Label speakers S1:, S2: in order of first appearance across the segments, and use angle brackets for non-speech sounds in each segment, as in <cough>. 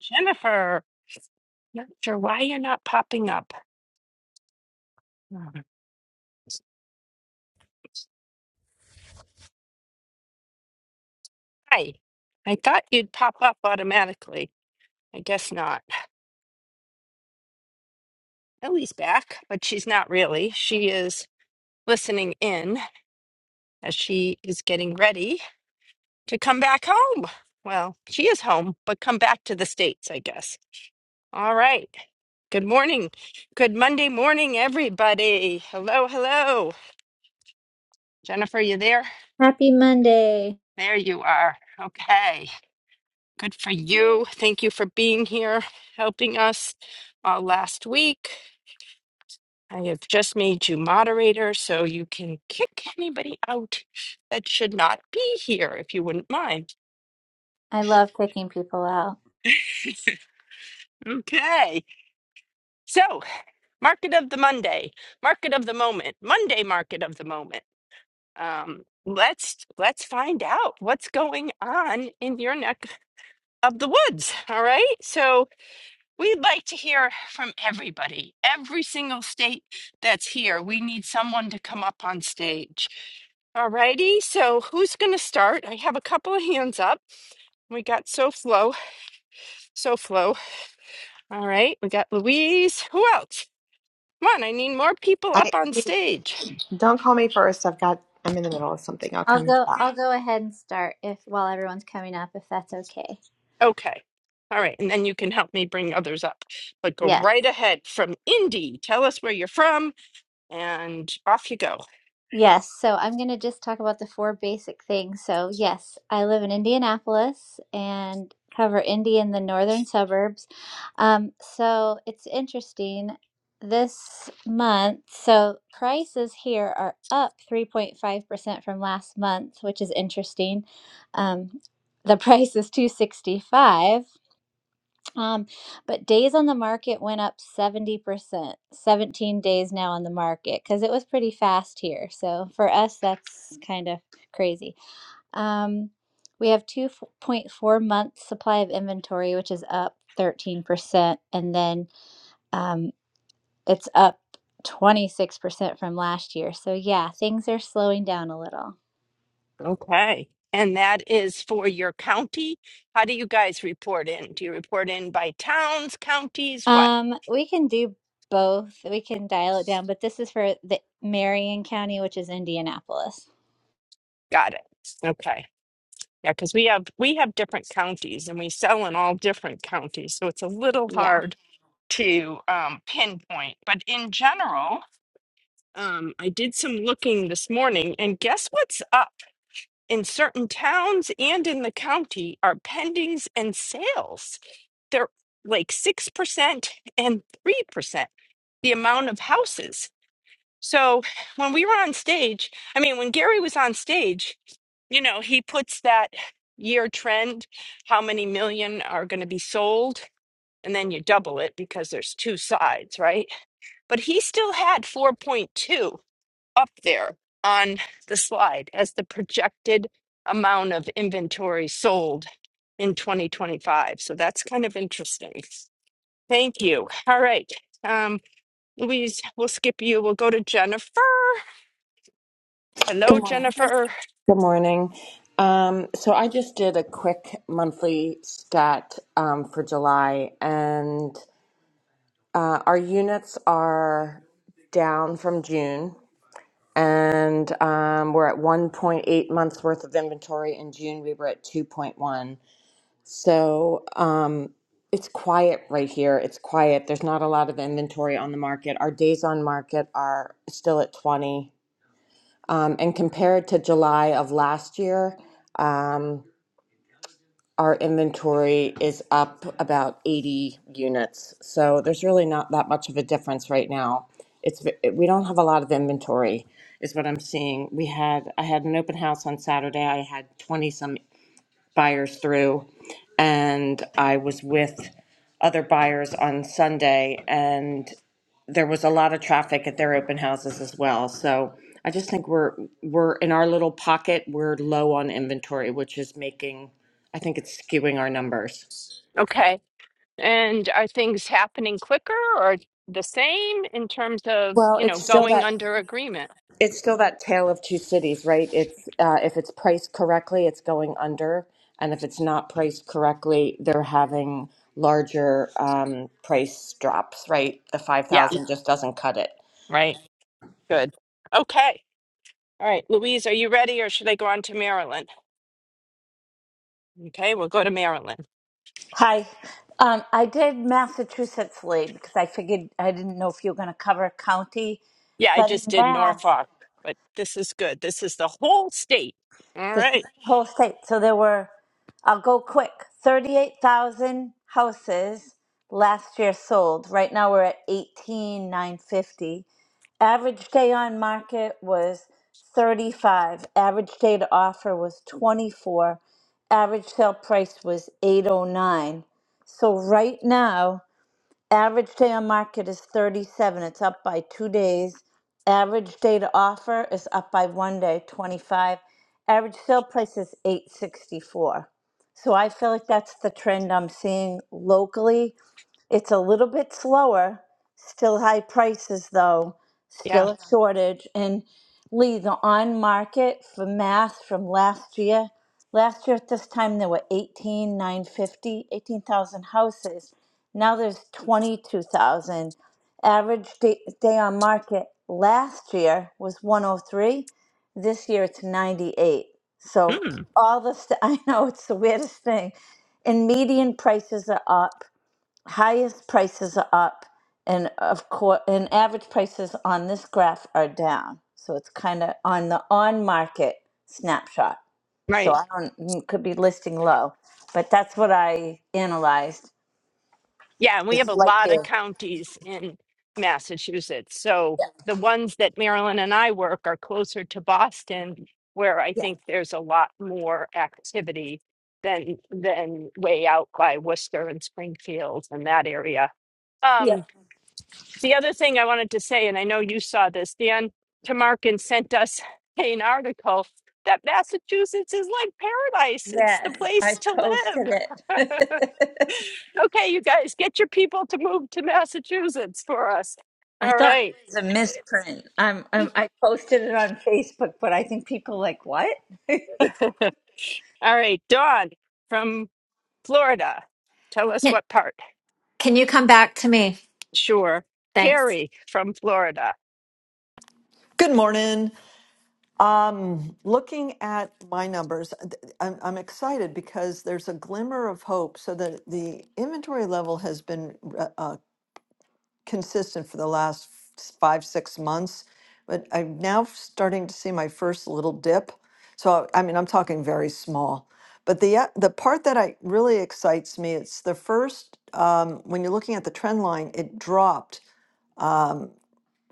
S1: Jennifer, not sure why you're not popping up. Um, Hi. I thought you'd pop up automatically. I guess not. Ellie's back, but she's not really. She is listening in as she is getting ready to come back home. Well, she is home, but come back to the States, I guess. All right. Good morning. Good Monday morning, everybody. Hello, hello. Jennifer, you there?
S2: Happy Monday.
S1: There you are. Okay. Good for you. Thank you for being here, helping us uh, last week. I have just made you moderator so you can kick anybody out that should not be here, if you wouldn't mind.
S2: I will
S1: <laughs> Okay. So, market of the Monday, market of the moment, Monday market of the moment. Um, let's let's find out what's going on in your neck of the woods. All right. So We'd like to hear from everybody, every single state that's here. We need someone to come up on stage. All righty, so who's going to start? I have a couple of hands up. We got SoFlo, SoFlo. All right, we got Louise. Who else? Come on, I need more people
S3: I I
S1: up on
S3: mean,
S1: stage.
S3: don't call me first. I've got. I'm in the middle of something. I'll
S2: I'll
S3: come
S2: go
S3: back.
S2: I'll go ahead and start if while everyone's coming up if that's okay.
S1: Okay, all right, and then you can help me bring others up. But go
S2: Yes.
S1: right ahead from Indy. Tell us where you're from, and off you go.
S2: Yes. So I'm going to just talk about the four basic things. So, yes, I live in Indianapolis and cover Indy in the northern suburbs. Um so it's interesting this month. So prices here are up 3.5% from last month, which is interesting. Um the <laughs> price is 265 Um, but days on the market went up 70%, 17 days now on the market because it was pretty fast here. So for us, that's kind of crazy. Um, we have 2.4 months supply of inventory, which is up 13%, and then um, it's up 26% from last year. So yeah, things are slowing down a little.
S1: Okay. And that is for your county. How do you guys report in? Do you report in by towns, counties? What?
S2: Um, we can do both. We can dial it down, but this is for the Marion County, which is Indianapolis.
S1: Got it. Okay. Yeah, because we have we have different counties and we sell in all different counties, so it's a little
S2: Yeah.
S1: hard to um, pinpoint. But in general, um, I did some looking this morning, and guess what's up in certain towns and in the county are pendings and sales. They're like six percent and 3%. the amount of houses. So when we were on stage, I mean, when Gary was on stage, you know, he puts that year trend, how many million are going to be sold, and then you double it because there's two sides, right? But he still had 4.2 up there on the slide as the projected amount of inventory sold in 2025. So that's kind of interesting. Thank you. All right. Um, Louise, We will skip you. We'll go to Jennifer. Hello,
S4: Good morning.
S1: Jennifer.
S4: Good morning. Um, so I just did a quick monthly stat um, for July, and uh, our units are down from June, and um, we're at 1.8 months worth of inventory. In June, we were at 2.1. So um, it's quiet right here. It's quiet. There's not a lot of inventory on the market. Our days on market are still at 20. Um, and compared to July of last year, um, our inventory is up about 80 units. So there's really not that much of a difference right now. It's v- we don't have a lot of inventory, is what I'm seeing. We had I had an open house on Saturday. I had 20 some buyers through, and I was with other buyers on Sunday, and there was a lot of traffic at their open houses as well. So I just think we're we're in our little pocket, we're low on inventory, which is making I think it's skewing our numbers.
S1: Okay. And are things happening quicker or the same in terms of,
S4: Well,
S1: you know,
S4: it's still
S1: going
S4: that
S1: under agreement?
S4: it's still that tale of two cities, right? It's uh, if it's priced correctly, it's going under, and if it's not priced correctly, they're having larger um, price drops, right? The five
S1: Yeah,
S4: thousand just doesn't cut it.
S1: right. Good. Okay. All right. Louise, are you ready or should I go on to Maryland? Okay, we'll go to Maryland.
S5: Hi. Um, I did Massachusetts lead because I figured I didn't know if you were going to cover a county,
S1: Yeah, I
S5: but in
S1: just did
S5: Mass,
S1: Norfolk, but this is good. This is the whole state. All
S5: this is
S1: right.
S5: the whole state. So there were, I'll go quick, 38,000 houses last year sold. Right now we're at 18,950. Average day on market was 35. Average day to offer was 24. Average sale price was 809. So right now, Average day on market is 37. It's up by two days. Average day to offer is up by one day, 25. Average sale price is 864. So I feel like that's the trend I'm seeing locally it's a little bit slower, still high prices though,
S1: Yeah.
S5: still a Yeah. shortage. And Lee, the on market for mass from last year, last year at this time there were eighteen nine fifty eighteen thousand houses. Now there's 22,000. Average day, day on market last year was 103. This year it's 98. So
S1: Mm.
S5: all the st- <laughs> I know it's the weirdest thing. And median prices are up highest prices are up and of course and average prices on this graph are down so it's kind of on the on market snapshot
S1: Right.
S5: so i don't mm, could be listing low but that's what i analyzed
S1: Yeah, and we have
S5: just
S1: a
S5: like
S1: lot of
S5: you
S1: counties in Massachusetts. So
S5: yeah
S1: the ones that Marilyn and I work are closer to Boston, where I
S5: yeah
S1: think there's a lot more activity than than way out by Worcester and Springfield and that area.
S5: yeah
S1: Um, the other thing I wanted to say, and I know you saw this, Dan Tamarkin sent us <laughs> an article that Massachusetts is like paradise. It's the
S5: yes i
S1: place to
S5: posted
S1: live. <laughs>
S5: it
S1: Okay, you guys, get your people to move to Massachusetts for us.
S5: <laughs> i
S1: All
S5: thought it
S1: right.
S5: was a misprint I'm, I'm i posted it on facebook but i think people like what <laughs>
S1: <laughs> All right, Dawn from Florida. Tell us
S6: Can
S1: what part.
S6: can you come back to me?
S1: Sure.
S6: Thanks.
S1: Terry from Florida.
S7: Good morning. Um, looking at my numbers, th- I'm, I'm excited because there's a glimmer of hope. So the the inventory level has been uh, uh, consistent for the last s- five, six months, but I'm now starting to see my first little dip. So I mean, I'm talking very small. But the uh, the part that I really excites me, it's the first um, when you're looking at the trend line, it dropped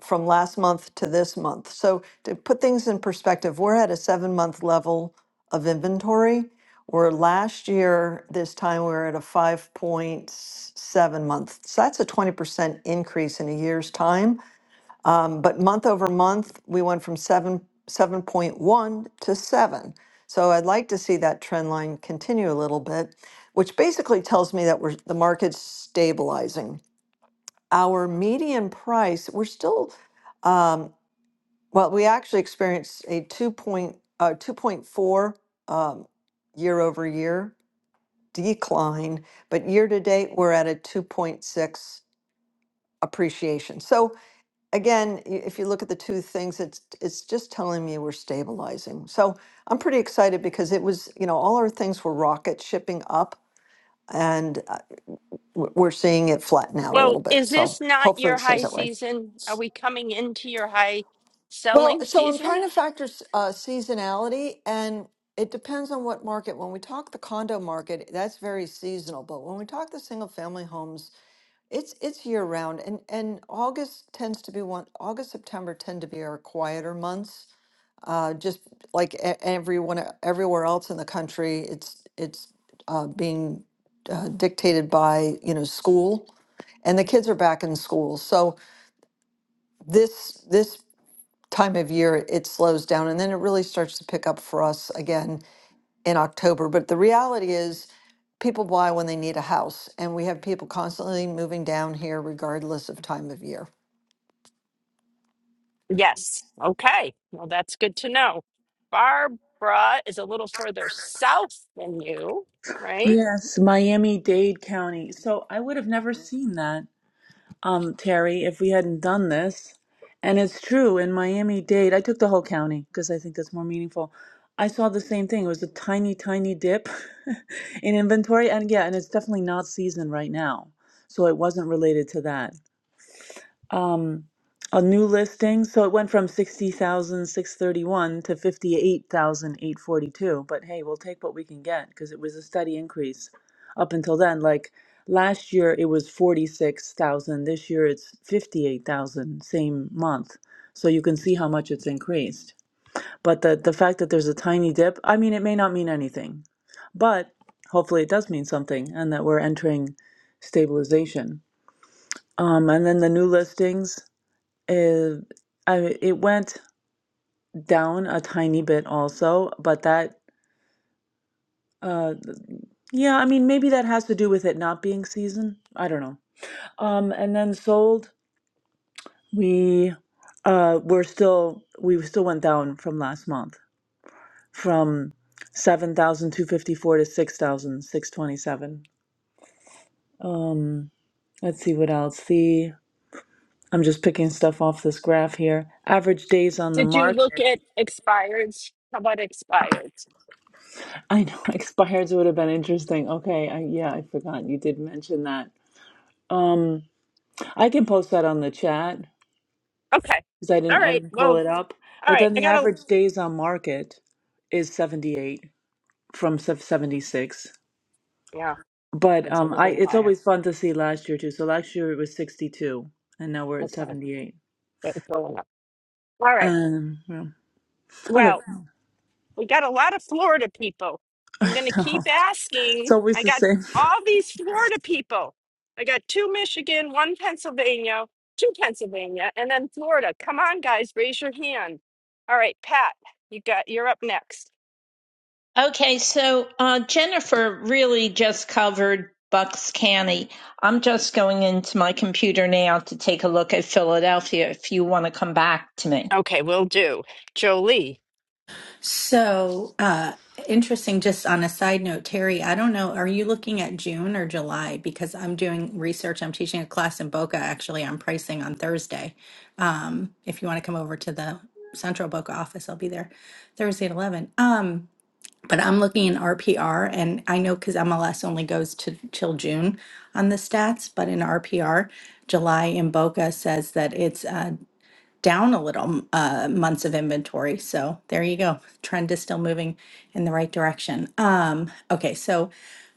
S7: from last month to this month. So to put things in perspective, we're at a seven month level of inventory. Where last year, this time we were at a 5.7 month. So that's a 20% increase in a year's time. Um, but month over month, we went from 7, 7.1 to 7. So I'd like to see that trend line continue a little bit, which basically tells me that we're, the market's stabilizing. Our median price, we're still um, well, we actually experienced a two point, uh, two point four, um, year over year decline, but year to date, we're at a two point six appreciation. So again, i- if you look at the two things, it's, it's just telling me we're stabilizing. So I'm pretty excited because it was, you know, all our things were rocket shipping up and uh, w- we're seeing it flatten out a
S1: Well,
S7: little bit.
S1: is this
S7: So
S1: not
S7: hopefully
S1: your
S7: it stays
S1: high
S7: that way.
S1: season? Are we coming into your high
S7: Well,
S1: selling
S7: so I'm
S1: season?
S7: trying to factor uh, seasonality, and it depends on what market. When we talk the condo market, that's very seasonal. But when we talk the single family homes, it's it's year round, and and August tends to be one. August September tend to be our quieter months. Uh, just like e- everyone everywhere else in the country, it's it's uh, being uh, dictated by you know school and the kids are back in school so this this time of year it slows down and then it really starts to pick up for us again in October. But the reality is people buy when they need a house and we have people constantly moving down here regardless of time of year.
S1: Yes. Okay. Well, that's good to know. Barbara is a little further south than you, right?
S8: Yes, Miami-Dade County. So I would have never seen that, um, Terry, if we hadn't done this. And it's true, in Miami-Dade, I took the whole county because I think that's more meaningful. I saw the same thing. It was a tiny, tiny dip <laughs> in inventory. And yeah, and it's definitely not season right now. So it wasn't related to that um, a new listing. So it went from sixty thousand six thirty one to fifty eight thousand eight forty two. But hey, we'll take what we can get because it was a steady increase up until then. Like last year, it was 46,000. This year, it's 58,000, same month. So you can see how much it's increased. But the, the fact that there's a tiny dip, I mean, it may not mean anything, but hopefully it does mean something and that we're entering stabilization. Um, and then the new listings. Uh, I it went down a tiny bit also, but that uh yeah, I mean maybe that has to do with it not being season. I don't know. Um and then sold, we uh we're still we still went down from last month from seven thousand two fifty four to six thousand six twenty seven Um let's see what else. The I'm just picking stuff off this graph here. Average days on the
S1: Did you look
S8: market.
S1: at expireds? How about expireds?
S8: I know <laughs> expires would have been interesting. Okay, I, yeah, I forgot you did mention that. Um, I can post that on the chat
S1: Okay.
S8: because I
S1: All
S8: didn't I
S1: right.
S8: didn't pull
S1: Well,
S8: it up.
S1: all
S8: But
S1: right.
S8: then
S1: I
S8: the
S1: gotta,
S8: average days on market is 78 from sev- 76.
S1: yeah,
S8: But
S1: that's a
S8: um, I
S1: little
S8: it's
S1: higher.
S8: always fun to see last year too. So last year it was 62, and now we're at
S1: Okay.
S8: 78.
S1: That's going up. All right.
S8: Um, yeah. okay,
S1: Well, we got a lot of Florida people.
S8: <laughs>
S1: I'm gonna keep
S8: No, it's
S1: asking.
S8: always
S1: I
S8: the
S1: got
S8: same.
S1: all these Florida people. I got two Michigan, one Pennsylvania, two Pennsylvania, and then Florida. Come on, guys, raise your hand. All right, Pat, you got you're up next.
S9: Okay, so uh, Jennifer really just covered Bucks County. I'm just going into my computer now to take a look at Philadelphia if you want to come back to me.
S1: Okay, we will do. Jolie.
S10: So, uh, interesting, just on a side note, Terry, I don't know, are you looking at June or July? Because I'm doing research. I'm teaching a class in Boca actually on pricing on Thursday. If you want to come over to the Central Boca office, I'll be there Thursday at 11. Um, but I'm looking in RPR, and I know because MLS only goes to till June on the stats, but in RPR, July in Boca says that it's uh, down a little uh, months of inventory. So there you go. Trend is still moving in the right direction. Um, okay, so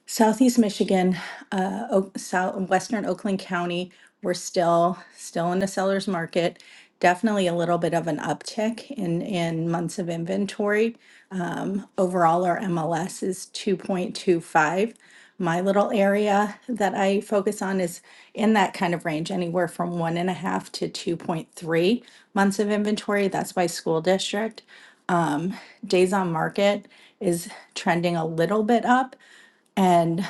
S10: Southeast Michigan, uh, Oak, South, Western Oakland County, we're still still in a seller's market. Definitely a little bit of an uptick in in months of inventory. Um, overall, our MLS is 2.25. My little area that I focus on is in that kind of range, anywhere from one and a half to 2.3 months of inventory. That's by school district. Days on market is trending a little bit up, and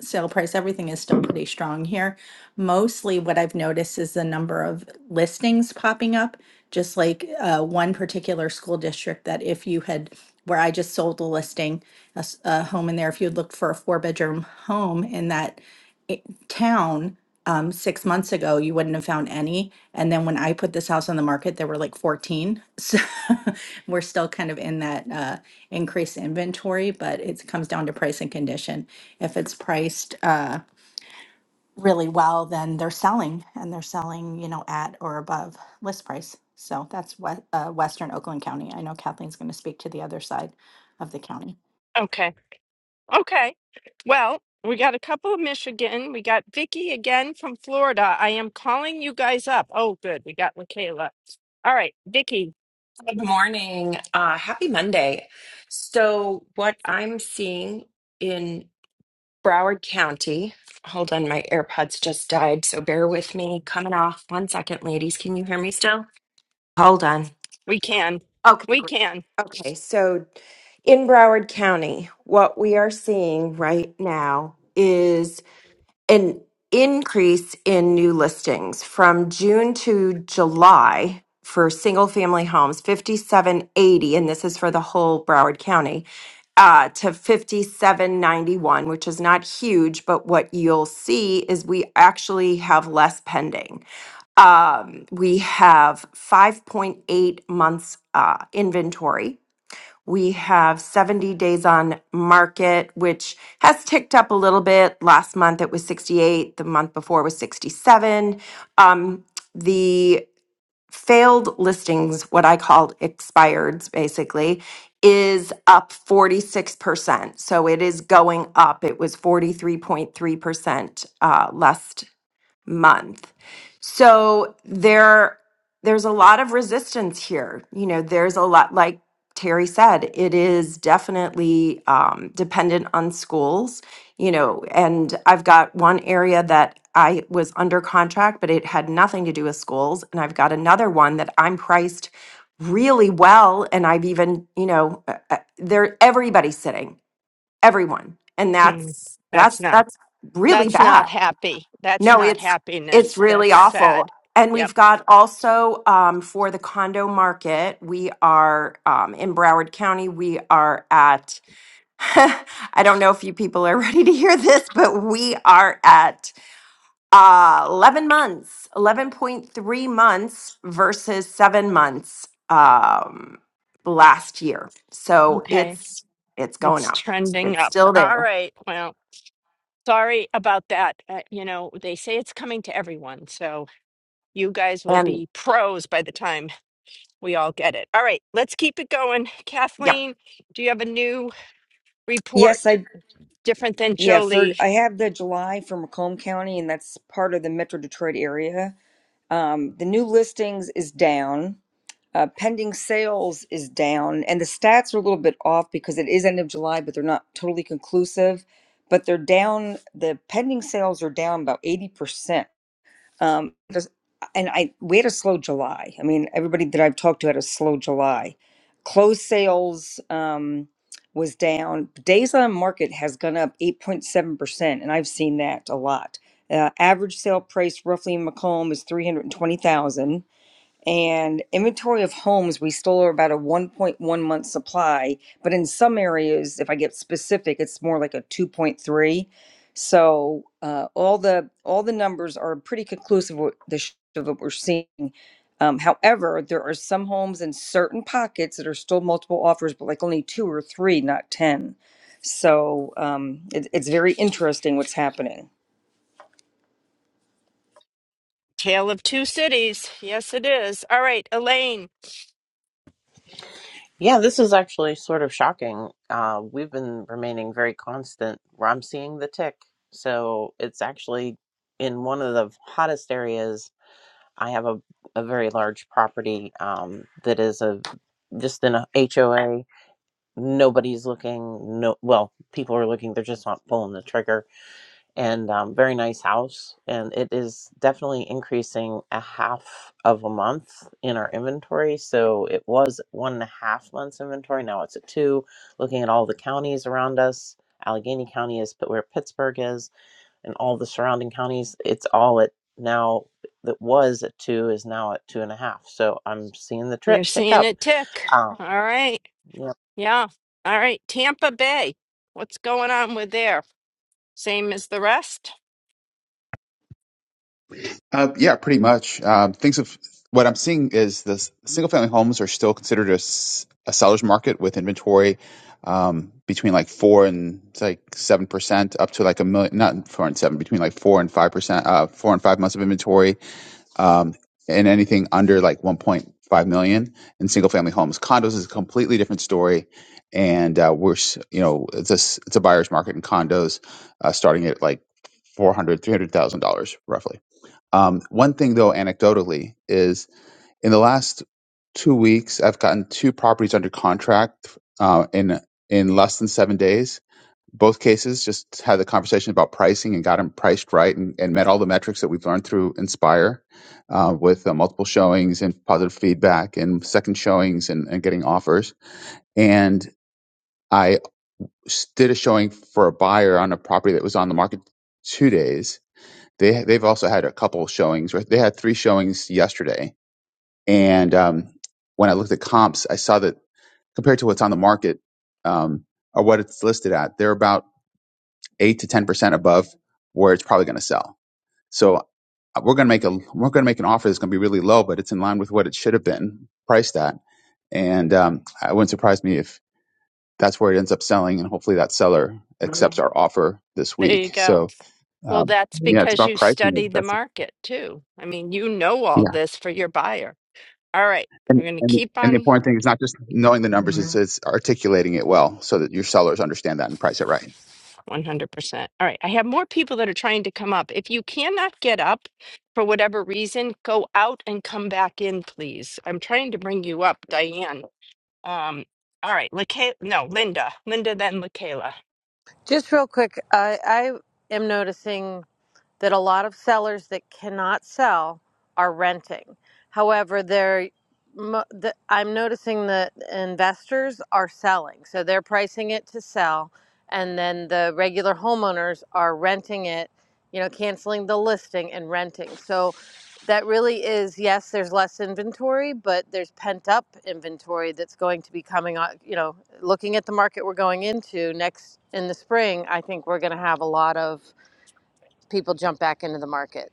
S10: sale price, everything is still pretty strong here. Mostly what I've noticed is the number of listings popping up, just like uh, one particular school district that if you had, where I just sold a listing, a, s- a home in there, if you had looked for a four bedroom home in that i- town um, six months ago, you wouldn't have found any. And then when I put this house on the market, there were like 14. So <laughs> we're still kind of in that uh, increased inventory, but it comes down to price and condition. If it's priced uh, really well, then they're selling and they're selling, you know, at or above list price. So that's what uh, Western Oakland County. I know Kathleen's going to speak to the other side of the county.
S1: Okay. Okay. Well, we got a couple of Michigan. We got Vicky again from Florida. I am calling you guys up. Oh, good. We got LaKayla. All right, Vicky,
S11: Good morning. Uh, happy Monday. So, what I'm seeing in Broward County, hold on, my AirPods just died, so bear with me. Coming off. One second, ladies. Can you hear me still? Hold on.
S1: we can.
S11: Okay,
S1: We
S11: great.
S1: can.
S11: Okay, so in Broward County, what we are seeing right now is an increase in new listings from June to July for single family homes, 5780, and this is for the whole Broward County, uh, to 5791, which is not huge, but what you'll see is we actually have less pending. Um, we have 5.8 months uh, inventory we have 70 days on market, which has ticked up a little bit. Last month it was 68, the month before was 67. Um, the failed listings, what I called expireds basically, is up 46%. So it is going up. It was 43.3% uh, last month. So there there's a lot of resistance here. You know, there's a lot like Terry said, it is definitely um, dependent on schools, you know, and I've got one area that I was under contract, but it had nothing to do with schools. And I've got another one that I'm priced really well. And I've even, you know, uh, uh, there everybody's sitting, everyone. And
S1: Mm,
S11: that's,
S1: that's
S11: that's,
S1: not.
S11: that's really
S1: That's not
S11: bad
S1: happy. That's
S11: no,
S1: not
S11: it's it's
S1: happiness.
S11: really
S1: That's
S11: awful.
S1: sad.
S11: And
S1: Yep.
S11: we've got also um, for the condo market, we are um, in Broward County. We are at, <laughs> I don't know if you people are <laughs> ready to hear this, but we are at uh, 11 months, 11.3 months versus seven months um, last year. So
S1: Okay.
S11: it's it's going
S1: It's
S11: up.
S1: trending
S11: It's
S1: up.
S11: still
S1: All
S11: there.
S1: right. Well, sorry about that. Uh, you know, they say it's coming to everyone. So you guys will
S11: And
S1: be pros by the time We all get it. All right, let's keep it going.
S11: yep.
S1: Kathleen, do you have a new report
S12: Yes, I
S1: different than
S12: yeah, for
S1: Jolie?
S12: I have the July for Macomb County and that's part of the Metro Detroit area. Um, the new listings is down. Uh, pending sales is down, and the stats are a little bit off because it is end of July, but they're not totally conclusive. But they're down. The pending sales are down about 80% um, just- and I we had a slow July. I mean, everybody that I've talked to had a slow July. Closed sales um, was down. Days on market has gone up 8.7%, and I've seen that a lot. Uh, average sale price roughly in Macomb is 320,000 and inventory of homes we still are about a 1.1 month supply but in some areas if i get specific it's more like a 2.3 so uh, all the all the numbers are pretty conclusive with the sh- of what we're seeing um, however there are some homes in certain pockets that are still multiple offers but like only two or three not ten so um, it, it's very interesting what's happening
S1: Tale of Two Cities. Yes, it is. All right, Elaine,
S13: Yeah, this is actually sort of shocking. Uh, we've been remaining very constant where I'm seeing the tick. So it's actually in one of the hottest areas. I have a, a very large property um, that is a just in a HOA. Nobody's looking. No, well, people are looking. They're just not pulling the trigger and um, very nice house. And it is definitely increasing a half of a month in our inventory. So it was one and a half months inventory. Now it's a two. Looking at all the counties around us, Allegheny County is p- where Pittsburgh is, and all the surrounding counties. It's all at now that was at two is now at two and a half. So I'm seeing the
S1: you're
S13: trip tick
S1: seeing
S13: up.
S1: it tick.
S13: Um,
S1: All right. Yeah. All right, Tampa Bay. What's going on with there? Same as the rest?
S14: Uh, yeah, pretty much. Um, things of what I'm seeing is the single family homes are still considered a, s- a seller's market with inventory um, between like four and it's like seven percent up to like a million, not four and seven, between like four and five percent, uh, four and five months of inventory, um, and anything under like 1.5 million in single family homes. Condos is a completely different story. And uh, we're, s- you know, it's a, s- it's a buyer's market in condos, uh, starting at like four hundred, three hundred thousand dollars roughly. Um, one thing though, anecdotally, is in the last two weeks, I've gotten two properties under contract uh, in in less than seven days. Both cases just had the conversation about pricing and got them priced right and, and met all the metrics that we've learned through Inspire uh, with uh, multiple showings and positive feedback and second showings and, and getting offers. And I s- did a showing for a buyer on a property that was on the market two days they they've also had a couple showings. Right, they had three showings yesterday, and um, when I looked at comps, I saw that compared to what's on the market um, or what it's listed at, they're about eight to ten percent above where it's probably going to sell. So uh, we're going to make a we're going to make an offer that's going to be really low, but it's in line with what it should have been priced at, and um, it wouldn't surprise me if that's where it ends up selling, and hopefully that seller accepts our offer this
S1: There you
S14: week.
S1: go.
S14: So
S1: Well,
S14: um,
S1: that's
S14: yeah, it's
S1: because
S14: about
S1: you
S14: pricing.
S1: study the
S14: That's
S1: market too. I mean, you know
S14: yeah.
S1: all this for your buyer. All right, we're
S14: And,
S1: going to
S14: and,
S1: keep
S14: and the
S1: on.
S14: important thing is not just knowing the numbers, Mhm. it's, it's articulating it well so that your sellers understand that and price it right.
S1: 100%. All right. I have more people that are trying to come up. If you cannot get up for whatever reason, go out and come back in, please. I'm trying to bring you up, Diane. Um, all right. Lake- no, Linda. Linda, then LaKayla.
S15: Just real quick, I, I am noticing that a lot of sellers that cannot sell are renting. However, they're I'm noticing that investors are selling, so they're pricing it to sell, and then the regular homeowners are renting it, you know, canceling the listing and renting. So that really is yes, there's less inventory, but there's pent up inventory that's going to be coming on. You know, looking at the market we're going into next in the spring, I think we're going to have a lot of people jump back into the market.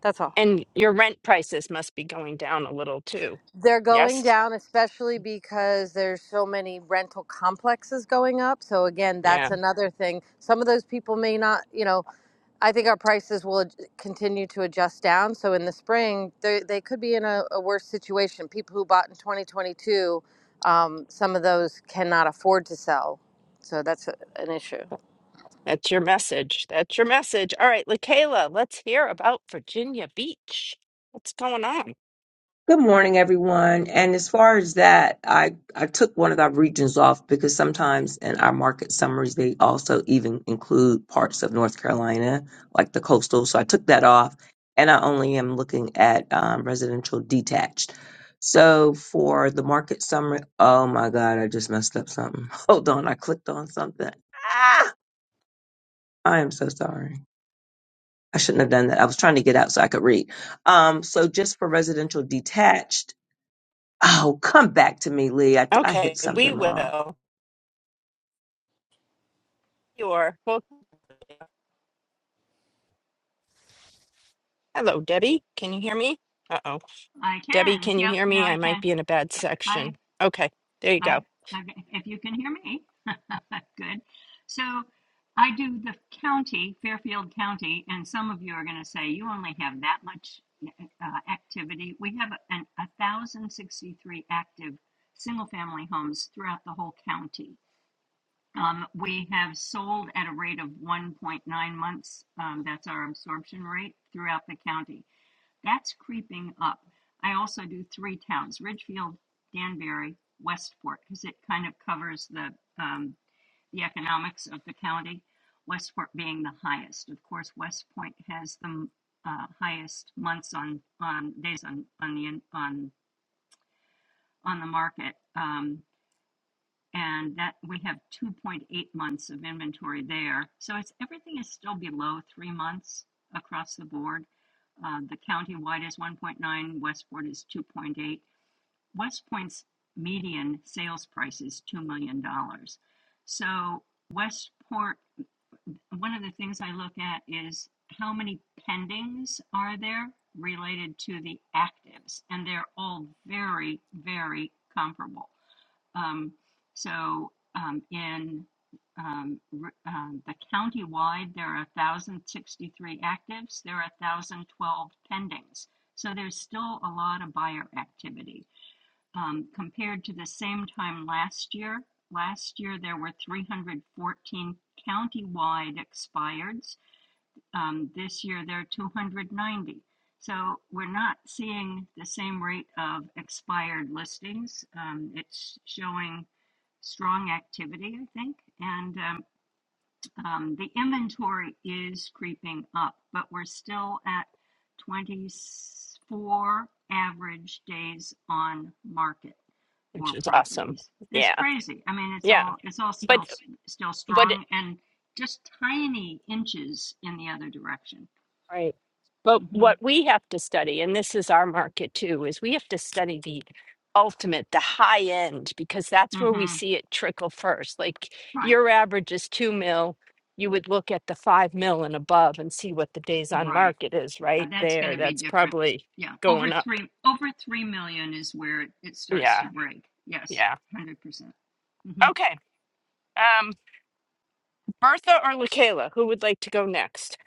S15: That's all.
S1: And your rent prices must be going down a little too.
S15: They're going
S1: Yes?
S15: down, especially because there's so many rental complexes going up. So again, that's
S1: Yeah.
S15: another thing. Some of those people may not, you know, I think our prices will ad- continue to adjust down. So in the spring, they they could be in a, a worse situation. People who bought in 2022, um, some of those cannot afford to sell. So that's a, an issue.
S1: That's your message. That's your message. All right, LaKayla, let's hear about Virginia Beach. What's going on?
S16: Good morning, everyone. And as far as that, I, I took one of our regions off because sometimes in our market summaries, they also even include parts of North Carolina, like the coastal. So I took that off and I only am looking at um, residential detached. So for the market summary, oh my God, I just messed up something. <laughs> Hold on, I clicked on something. Ah, I am so sorry. I shouldn't have done that. I was trying to get out so I could read. Um, so just for residential detached, Oh, come back to me, Lee. I, I
S1: Okay.
S16: hit
S1: We
S16: something wrong.
S1: will. Your book. Hello, Debbie. Can you hear me? Uh-oh.
S17: I
S1: Debbie,
S17: can.
S1: can you
S17: Yep.
S1: hear
S17: No,
S1: me? I
S17: I
S1: might
S17: can.
S1: be in a bad
S17: I,
S1: section. Okay, there you
S17: I,
S1: go,
S17: I, if you can hear me, <laughs> good. So I do the county, Fairfield County, and some of you are going to say you only have that much uh, activity. We have an, a thousand sixty-three active single-family homes throughout the whole county. Um, we have sold at a rate of 1.9 months. Um, that's our absorption rate throughout the county. That's creeping up. I also do three towns, Ridgefield, Danbury, Westport, because it kind of covers the, um, the economics of the county, Westport being the highest. Of course, West Point has the uh, highest months on, on days on, on the, on, on the market. Um, and that we have 2.8 months of inventory there. So it's everything is still below three months across the board. Uh, the wide is 1.9, Westport is 2.8. West median sales price is $2 million. dollars. So Westport, one of the things I look at is how many pendings are there related to the actives, and they're all very, very comparable. Um, so um, in um, um, the countywide, there are 1,063 actives. There are 1,012 pendings. So there's still a lot of buyer activity. Um, compared to the same time last year, last year there were 314 countywide expireds. Um, this year there are 290. So we're not seeing the same rate of expired listings. Um, it's showing strong activity, I think. And um, um, the inventory is creeping up, but we're still at 24 average days on market
S1: which
S17: for
S1: is awesome.
S17: properties. It's
S1: Yeah,
S17: crazy. I mean, it's
S1: yeah.
S17: all it's all still
S1: But
S17: still
S1: but
S17: strong and just tiny inches in the other direction.
S1: right. But
S17: hmm
S1: what we have to study, and this is our market too, is we have to study the ultimate, the high end, because that's where we
S17: hmm
S1: see it trickle first. Like
S17: Right.
S1: your average is two mil. You would look at the five mil and above and see what the days on
S17: Right.
S1: market is right
S17: And that's going
S1: there.
S17: to be
S1: That's
S17: different.
S1: probably
S17: Yeah, over
S1: going up.
S17: three, over three million is where it, it starts
S1: Yeah,
S17: to break. Yes,
S1: yeah.
S17: one hundred percent. Mm-hmm.
S1: Okay. Um, Bertha or LaKayla, who would like to go next?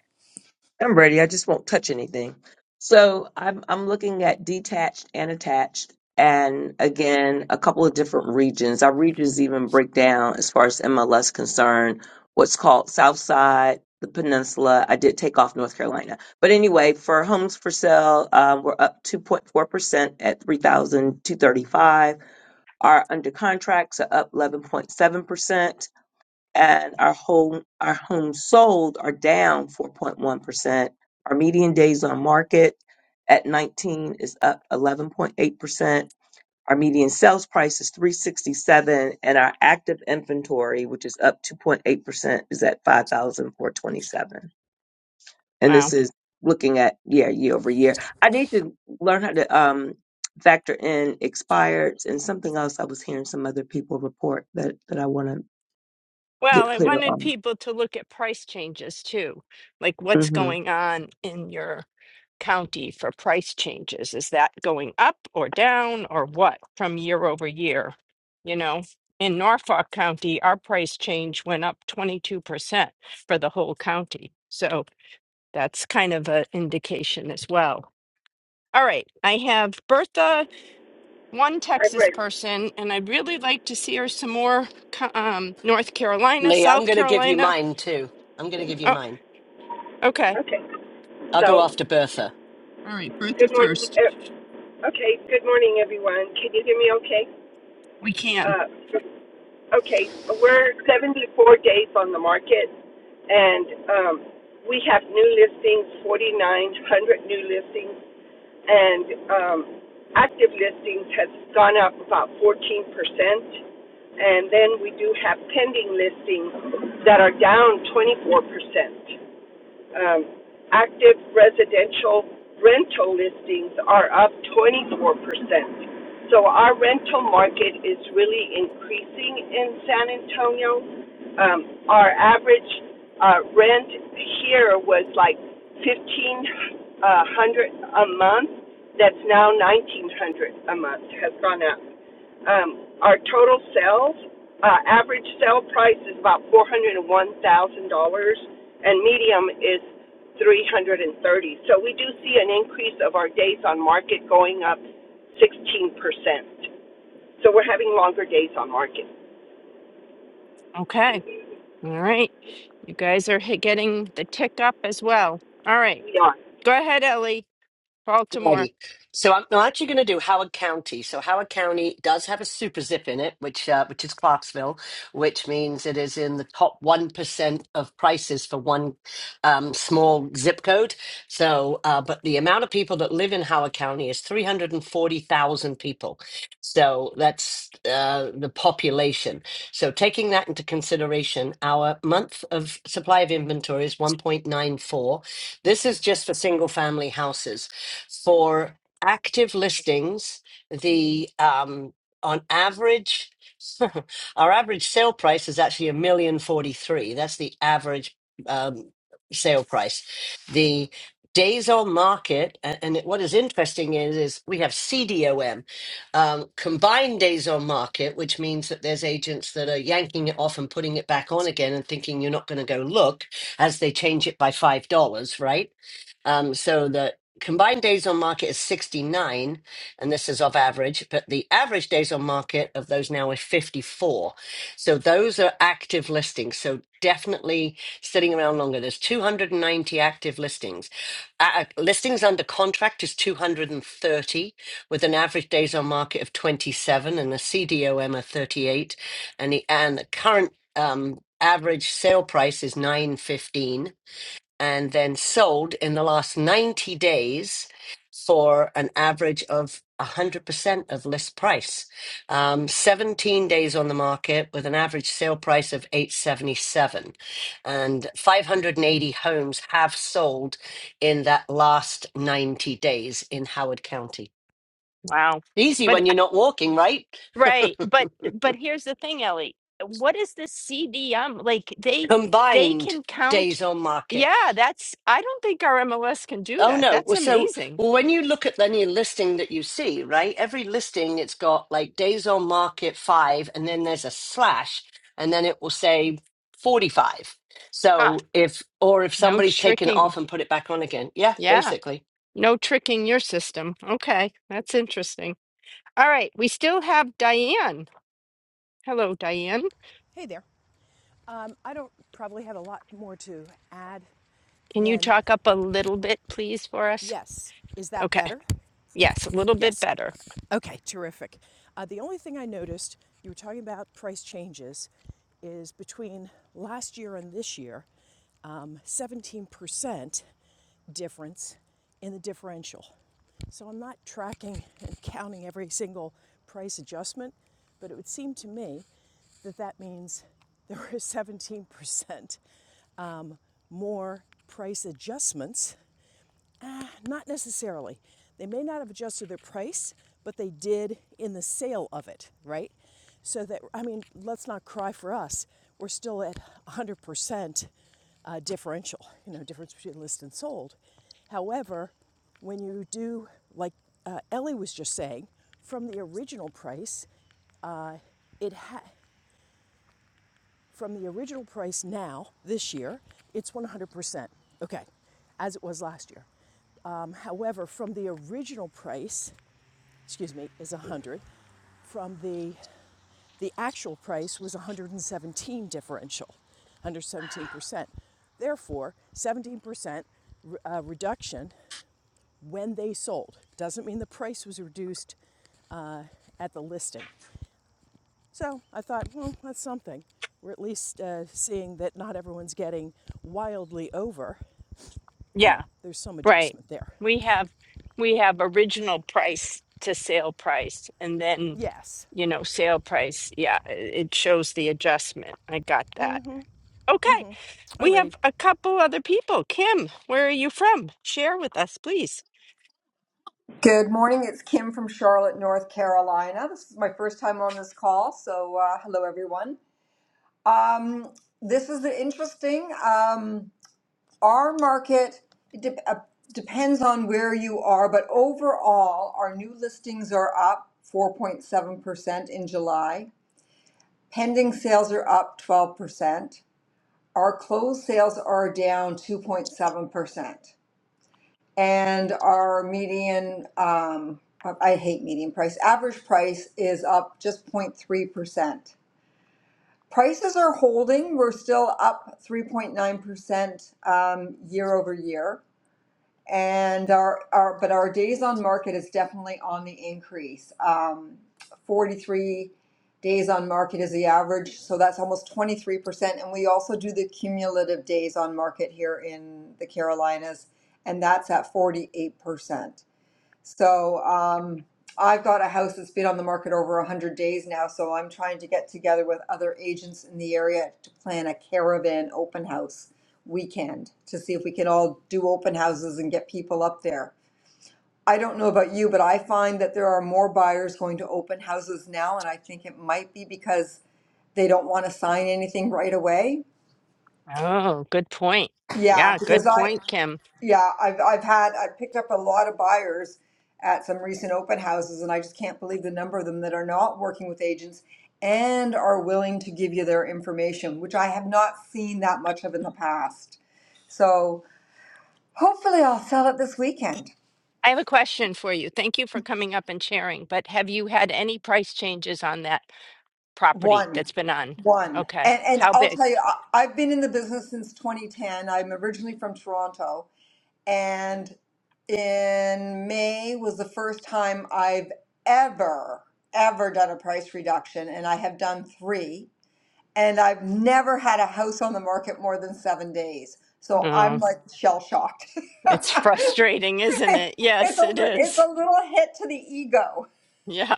S16: I'm ready. I just won't touch anything. So I'm I'm looking at detached and attached, and again a couple of different regions. Our regions even break down as far as MLS concerned. What's called South Side, the Peninsula. I did take off North Carolina, but anyway, for homes for sale, um, we're up 2.4 percent at 3,235. Our under contracts are up 11.7 percent and our home our homes sold are down 4.1%. Our median days on market at 19 is up 11.8%. Our median sales price is 367 and our active inventory, which is up 2.8%, is at 5,427. And this
S1: Wow.
S16: is looking at yeah, year over year. I need to learn how to um factor in expireds and something else I was hearing some other people report that that I want to
S1: Well,
S16: get
S1: I
S16: clear
S1: wanted
S16: on.
S1: people to look at price changes too, like what's
S16: Mm-hmm.
S1: going on in your county for price changes. Is that going up or down or what from year over year? You know, in Norfolk County, our price change went up 22% for the whole county. So that's kind of an indication as well. All right, I have Bertha one
S18: I'm
S1: Texas
S18: ready.
S1: person, and I'd really like to see her some more. co- Um, North Carolina,
S19: Lee, I'm
S1: South
S19: going to give you
S1: Carolina.
S19: mine too. I'm going to give you
S1: Oh,
S19: mine.
S1: okay.
S18: Okay.
S19: I'll go
S18: So,
S19: after Bertha.
S1: All right, Bertha
S18: good morning.
S1: first.
S18: uh, Okay, good morning, everyone. Can you hear me okay?
S1: We can.
S18: Uh, okay, we're 74 days on the market, and um, we have new listings, 4,900 new listings, and um, active listings has gone up about 14%. And then we do have pending listings that are down 24%. Um, active residential rental listings are up 24%. So our rental market is really increasing in San Antonio. Um, our average uh, rent here was like 1500 a month. That's now 1900 a month has gone up. Um, our total sales, uh, average sale price is about $401,000 and medium is 330. So we do see an increase of our days on market going up 16%. So we're having longer days on market.
S1: Okay. All right. You guys are hit- getting the tick up as well. All right.
S18: We are.
S1: Go ahead, Ellie. Baltimore.
S19: Righty. So I'm, I'm actually going to do Howard County. So Howard County does have a super zip in it, which uh, which is Clarksville, which means it is in the top one percent of prices for one um, small zip code. So, uh, but the amount of people that live in Howard County is three hundred and forty thousand people. So that's uh, the population. So taking that into consideration, our month of supply of inventory is one point nine four. This is just for single family houses for active listings, the um, on average, <laughs> our average sale price is actually a million forty three. That's the average um, sale price. The days on market, a- and it- what is interesting is, is we have CDOM, um, combined days on market, which means that there's agents that are yanking it off and putting it back on again and thinking you're not going to go look as they change it by $5, right? Um, so the combined days on market is 69, and this is of average, but the average days on market of those now is 54. So those are active listings. So definitely sitting around longer. There's 290 active listings. Uh, listings under contract is 230, with an average days on market of 27 and a CDOM of 38, and the and the current um, average sale price is 915 and then sold in the last 90 days for an average of 100% of list price. Um, 17 days on the market with an average sale price of 877. And 580 homes have sold in that last 90 days in Howard County.
S1: Wow.
S19: Easy
S1: But
S19: when
S1: uh,
S19: you're not walking, right?
S1: right, but but here's the thing, Ellie. What is this CDM? Like they they
S19: Combined
S1: can count.
S19: days on market.
S1: Yeah, that's I don't think our MLS can do
S19: Oh
S1: that.
S19: no.
S1: That's
S19: Well, so
S1: amazing.
S19: well, when you look at any listing that you see, right? Every listing, it's got like days on market five, and then there's a slash, and then it will say forty-five. So if or if
S1: No
S19: somebody's taken it
S1: tricking.
S19: off and put it back on again, yeah,
S1: Yeah.
S19: basically.
S1: No tricking your system. Okay. That's interesting. All right. We still have Diane. Hello, Diane.
S20: Hey there. Um, I don't probably have a lot more to add
S1: Can you
S20: than
S1: talk up a little bit, please, for us?
S20: yes. Is that
S1: Okay.
S20: better?
S1: Yes, a little bit
S20: Yes.
S1: better.
S20: Okay, terrific. Uh, the only thing I noticed, you were talking about price changes, is between last year and this year, um, 17% difference in the differential. So I'm not tracking <laughs> and counting every single price adjustment, but it would seem to me that that means <laughs> there were 17% um, more price adjustments uh, Not necessarily. They may not have adjusted their price, but they did in the sale of it, right? So that, I mean, let's not cry for us. We're still at 100% uh, differential, you know, difference between list and sold. However, when you do, like uh, Ellie was just saying, from the original price, uh, it ha- from the original price now, this year, it's 100%. Okay, as it was last year. Um, however, from the original price, excuse me, is 100. From the the actual price was 117 differential, 117%. Therefore, 17% re- uh, reduction when they sold. Doesn't mean the price was reduced uh, at the listing. So I thought, well, that's something. We're at least uh, seeing that not everyone's getting wildly over. You
S1: Yeah.
S20: know, there's some
S1: Right.
S20: adjustment there.
S1: We have we have original price to sale price and then,
S20: Yes.
S1: you know, sale price. Yeah, i- it shows the adjustment. I got that. Okay. We have
S20: Alrighty.
S1: a couple other people. Kim, where are you from? Share with us, please.
S21: Good morning. It's Kim from Charlotte, North Carolina. This is my first time on this call, so uh, hello everyone. Um, this is interesting. Um, our market it de- uh, depends on where you are, but overall, our new listings are up 4.7% in July. Pending sales are up 12%. Our closed sales are down 2.7%. and our median, um, I hate median price, average price is up just 0.3%. Prices are holding. We're still up 3.9% um, year over year. And our, our, but our days on market is definitely on the increase. Um, 43 days on market is the average, so that's almost 23%. And we also do the cumulative days on market here in the Carolinas, and that's at 48%. So um, I've got a house that's been on the market over 100 days now, so I'm trying to get together with other agents in the area to plan a caravan open house weekend to see if we can all do open houses and get people up there. I don't know about you, but I find that there are more buyers going to open houses now, and I think it might be because they don't want to sign anything right away.
S1: Oh, good point.
S21: Yeah,
S1: Yeah,
S21: because
S1: good
S21: I,
S1: point, Kim.
S21: Yeah, I've I've had I've picked up a lot of buyers at some recent open houses, and I just can't believe the number of them that are not working with agents and are willing to give you their information, which I have not seen that much of in the past. So hopefully, I'll sell it this weekend.
S1: I have a question for you. Thank you for coming up and sharing, but have you had any price changes on that property
S21: One,
S1: that's been on?
S21: one,
S1: Okay.
S21: and and
S1: How
S21: I'll
S1: big?
S21: tell you, I, I've been in the business since 2010. I'm originally from Toronto, and in May was the first time I've ever, ever done a price reduction, and I have done three. And I've never had a house on the market more than seven days. So I'm
S1: Oh,
S21: like shell shocked. <laughs> it's
S1: it's <laughs>
S21: a li-
S1: frustrating, isn't it? Yes, it
S21: it's
S1: is.
S21: a little hit to the ego.
S1: Yeah.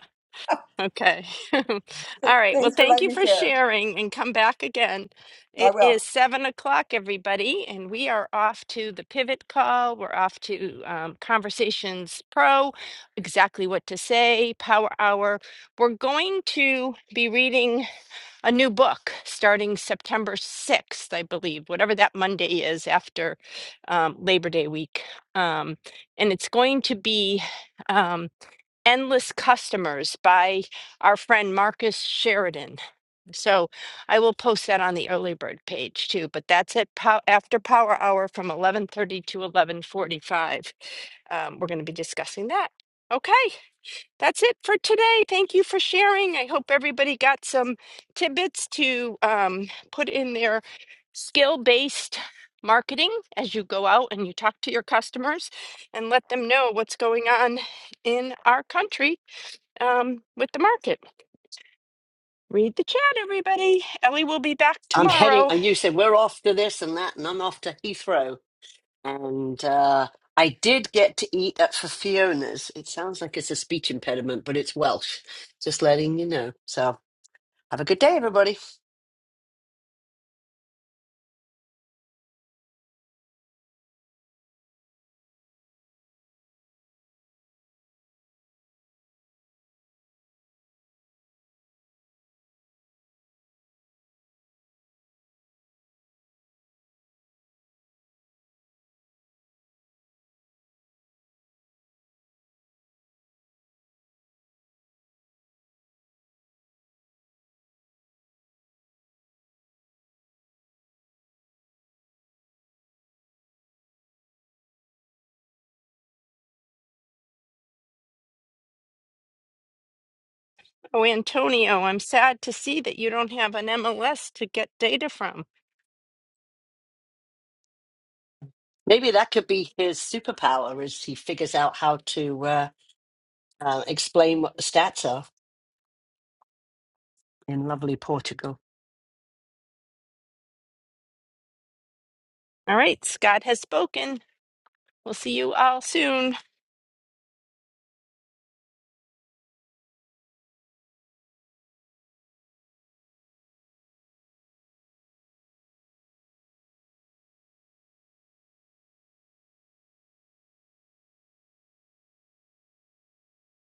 S1: Okay. <laughs> All
S21: <laughs>
S1: right. Well,
S21: Thanks for
S1: thank
S21: letting
S1: you
S21: me
S1: for
S21: share.
S1: sharing and come back again.
S21: I
S1: It
S21: will.
S1: is seven o'clock, everybody, and we are off to the pivot call. We're off to um, Conversations Pro, exactly what to say, Power Hour. We're going to be reading a new book starting September 6th, I believe, whatever that Monday is after um, Labor Day week. Um, and it's going to be. Um, Endless Customers by our friend Marcus Sheridan. So I will post that on the early bird page too, but that's at pow- after power hour from 11:30 to 11:45. Um, we're going to be discussing that. Okay, that's it for today. Thank you for sharing. I hope everybody got some tidbits to um, put in their skill-based marketing as you go out and you talk to your customers and let them know what's going on in our country um, with the market. Read the chat, everybody. Ellie will be back
S19: I'm heading,
S1: tomorrow.
S19: and you said we're off to this and that, and I'm off to Heathrow. And uh, I did get to eat at Fiona's. It sounds like it's a speech impediment, but it's Welsh. Just letting you know. So have a good day, everybody.
S1: Oh, Antonio, I'm sad to see that you don't have an MLS to get data from.
S19: Maybe that could be his superpower is he figures out how to uh, uh, explain what the stats are in lovely Portugal.
S1: All right, Scott has spoken. We'll see you all soon.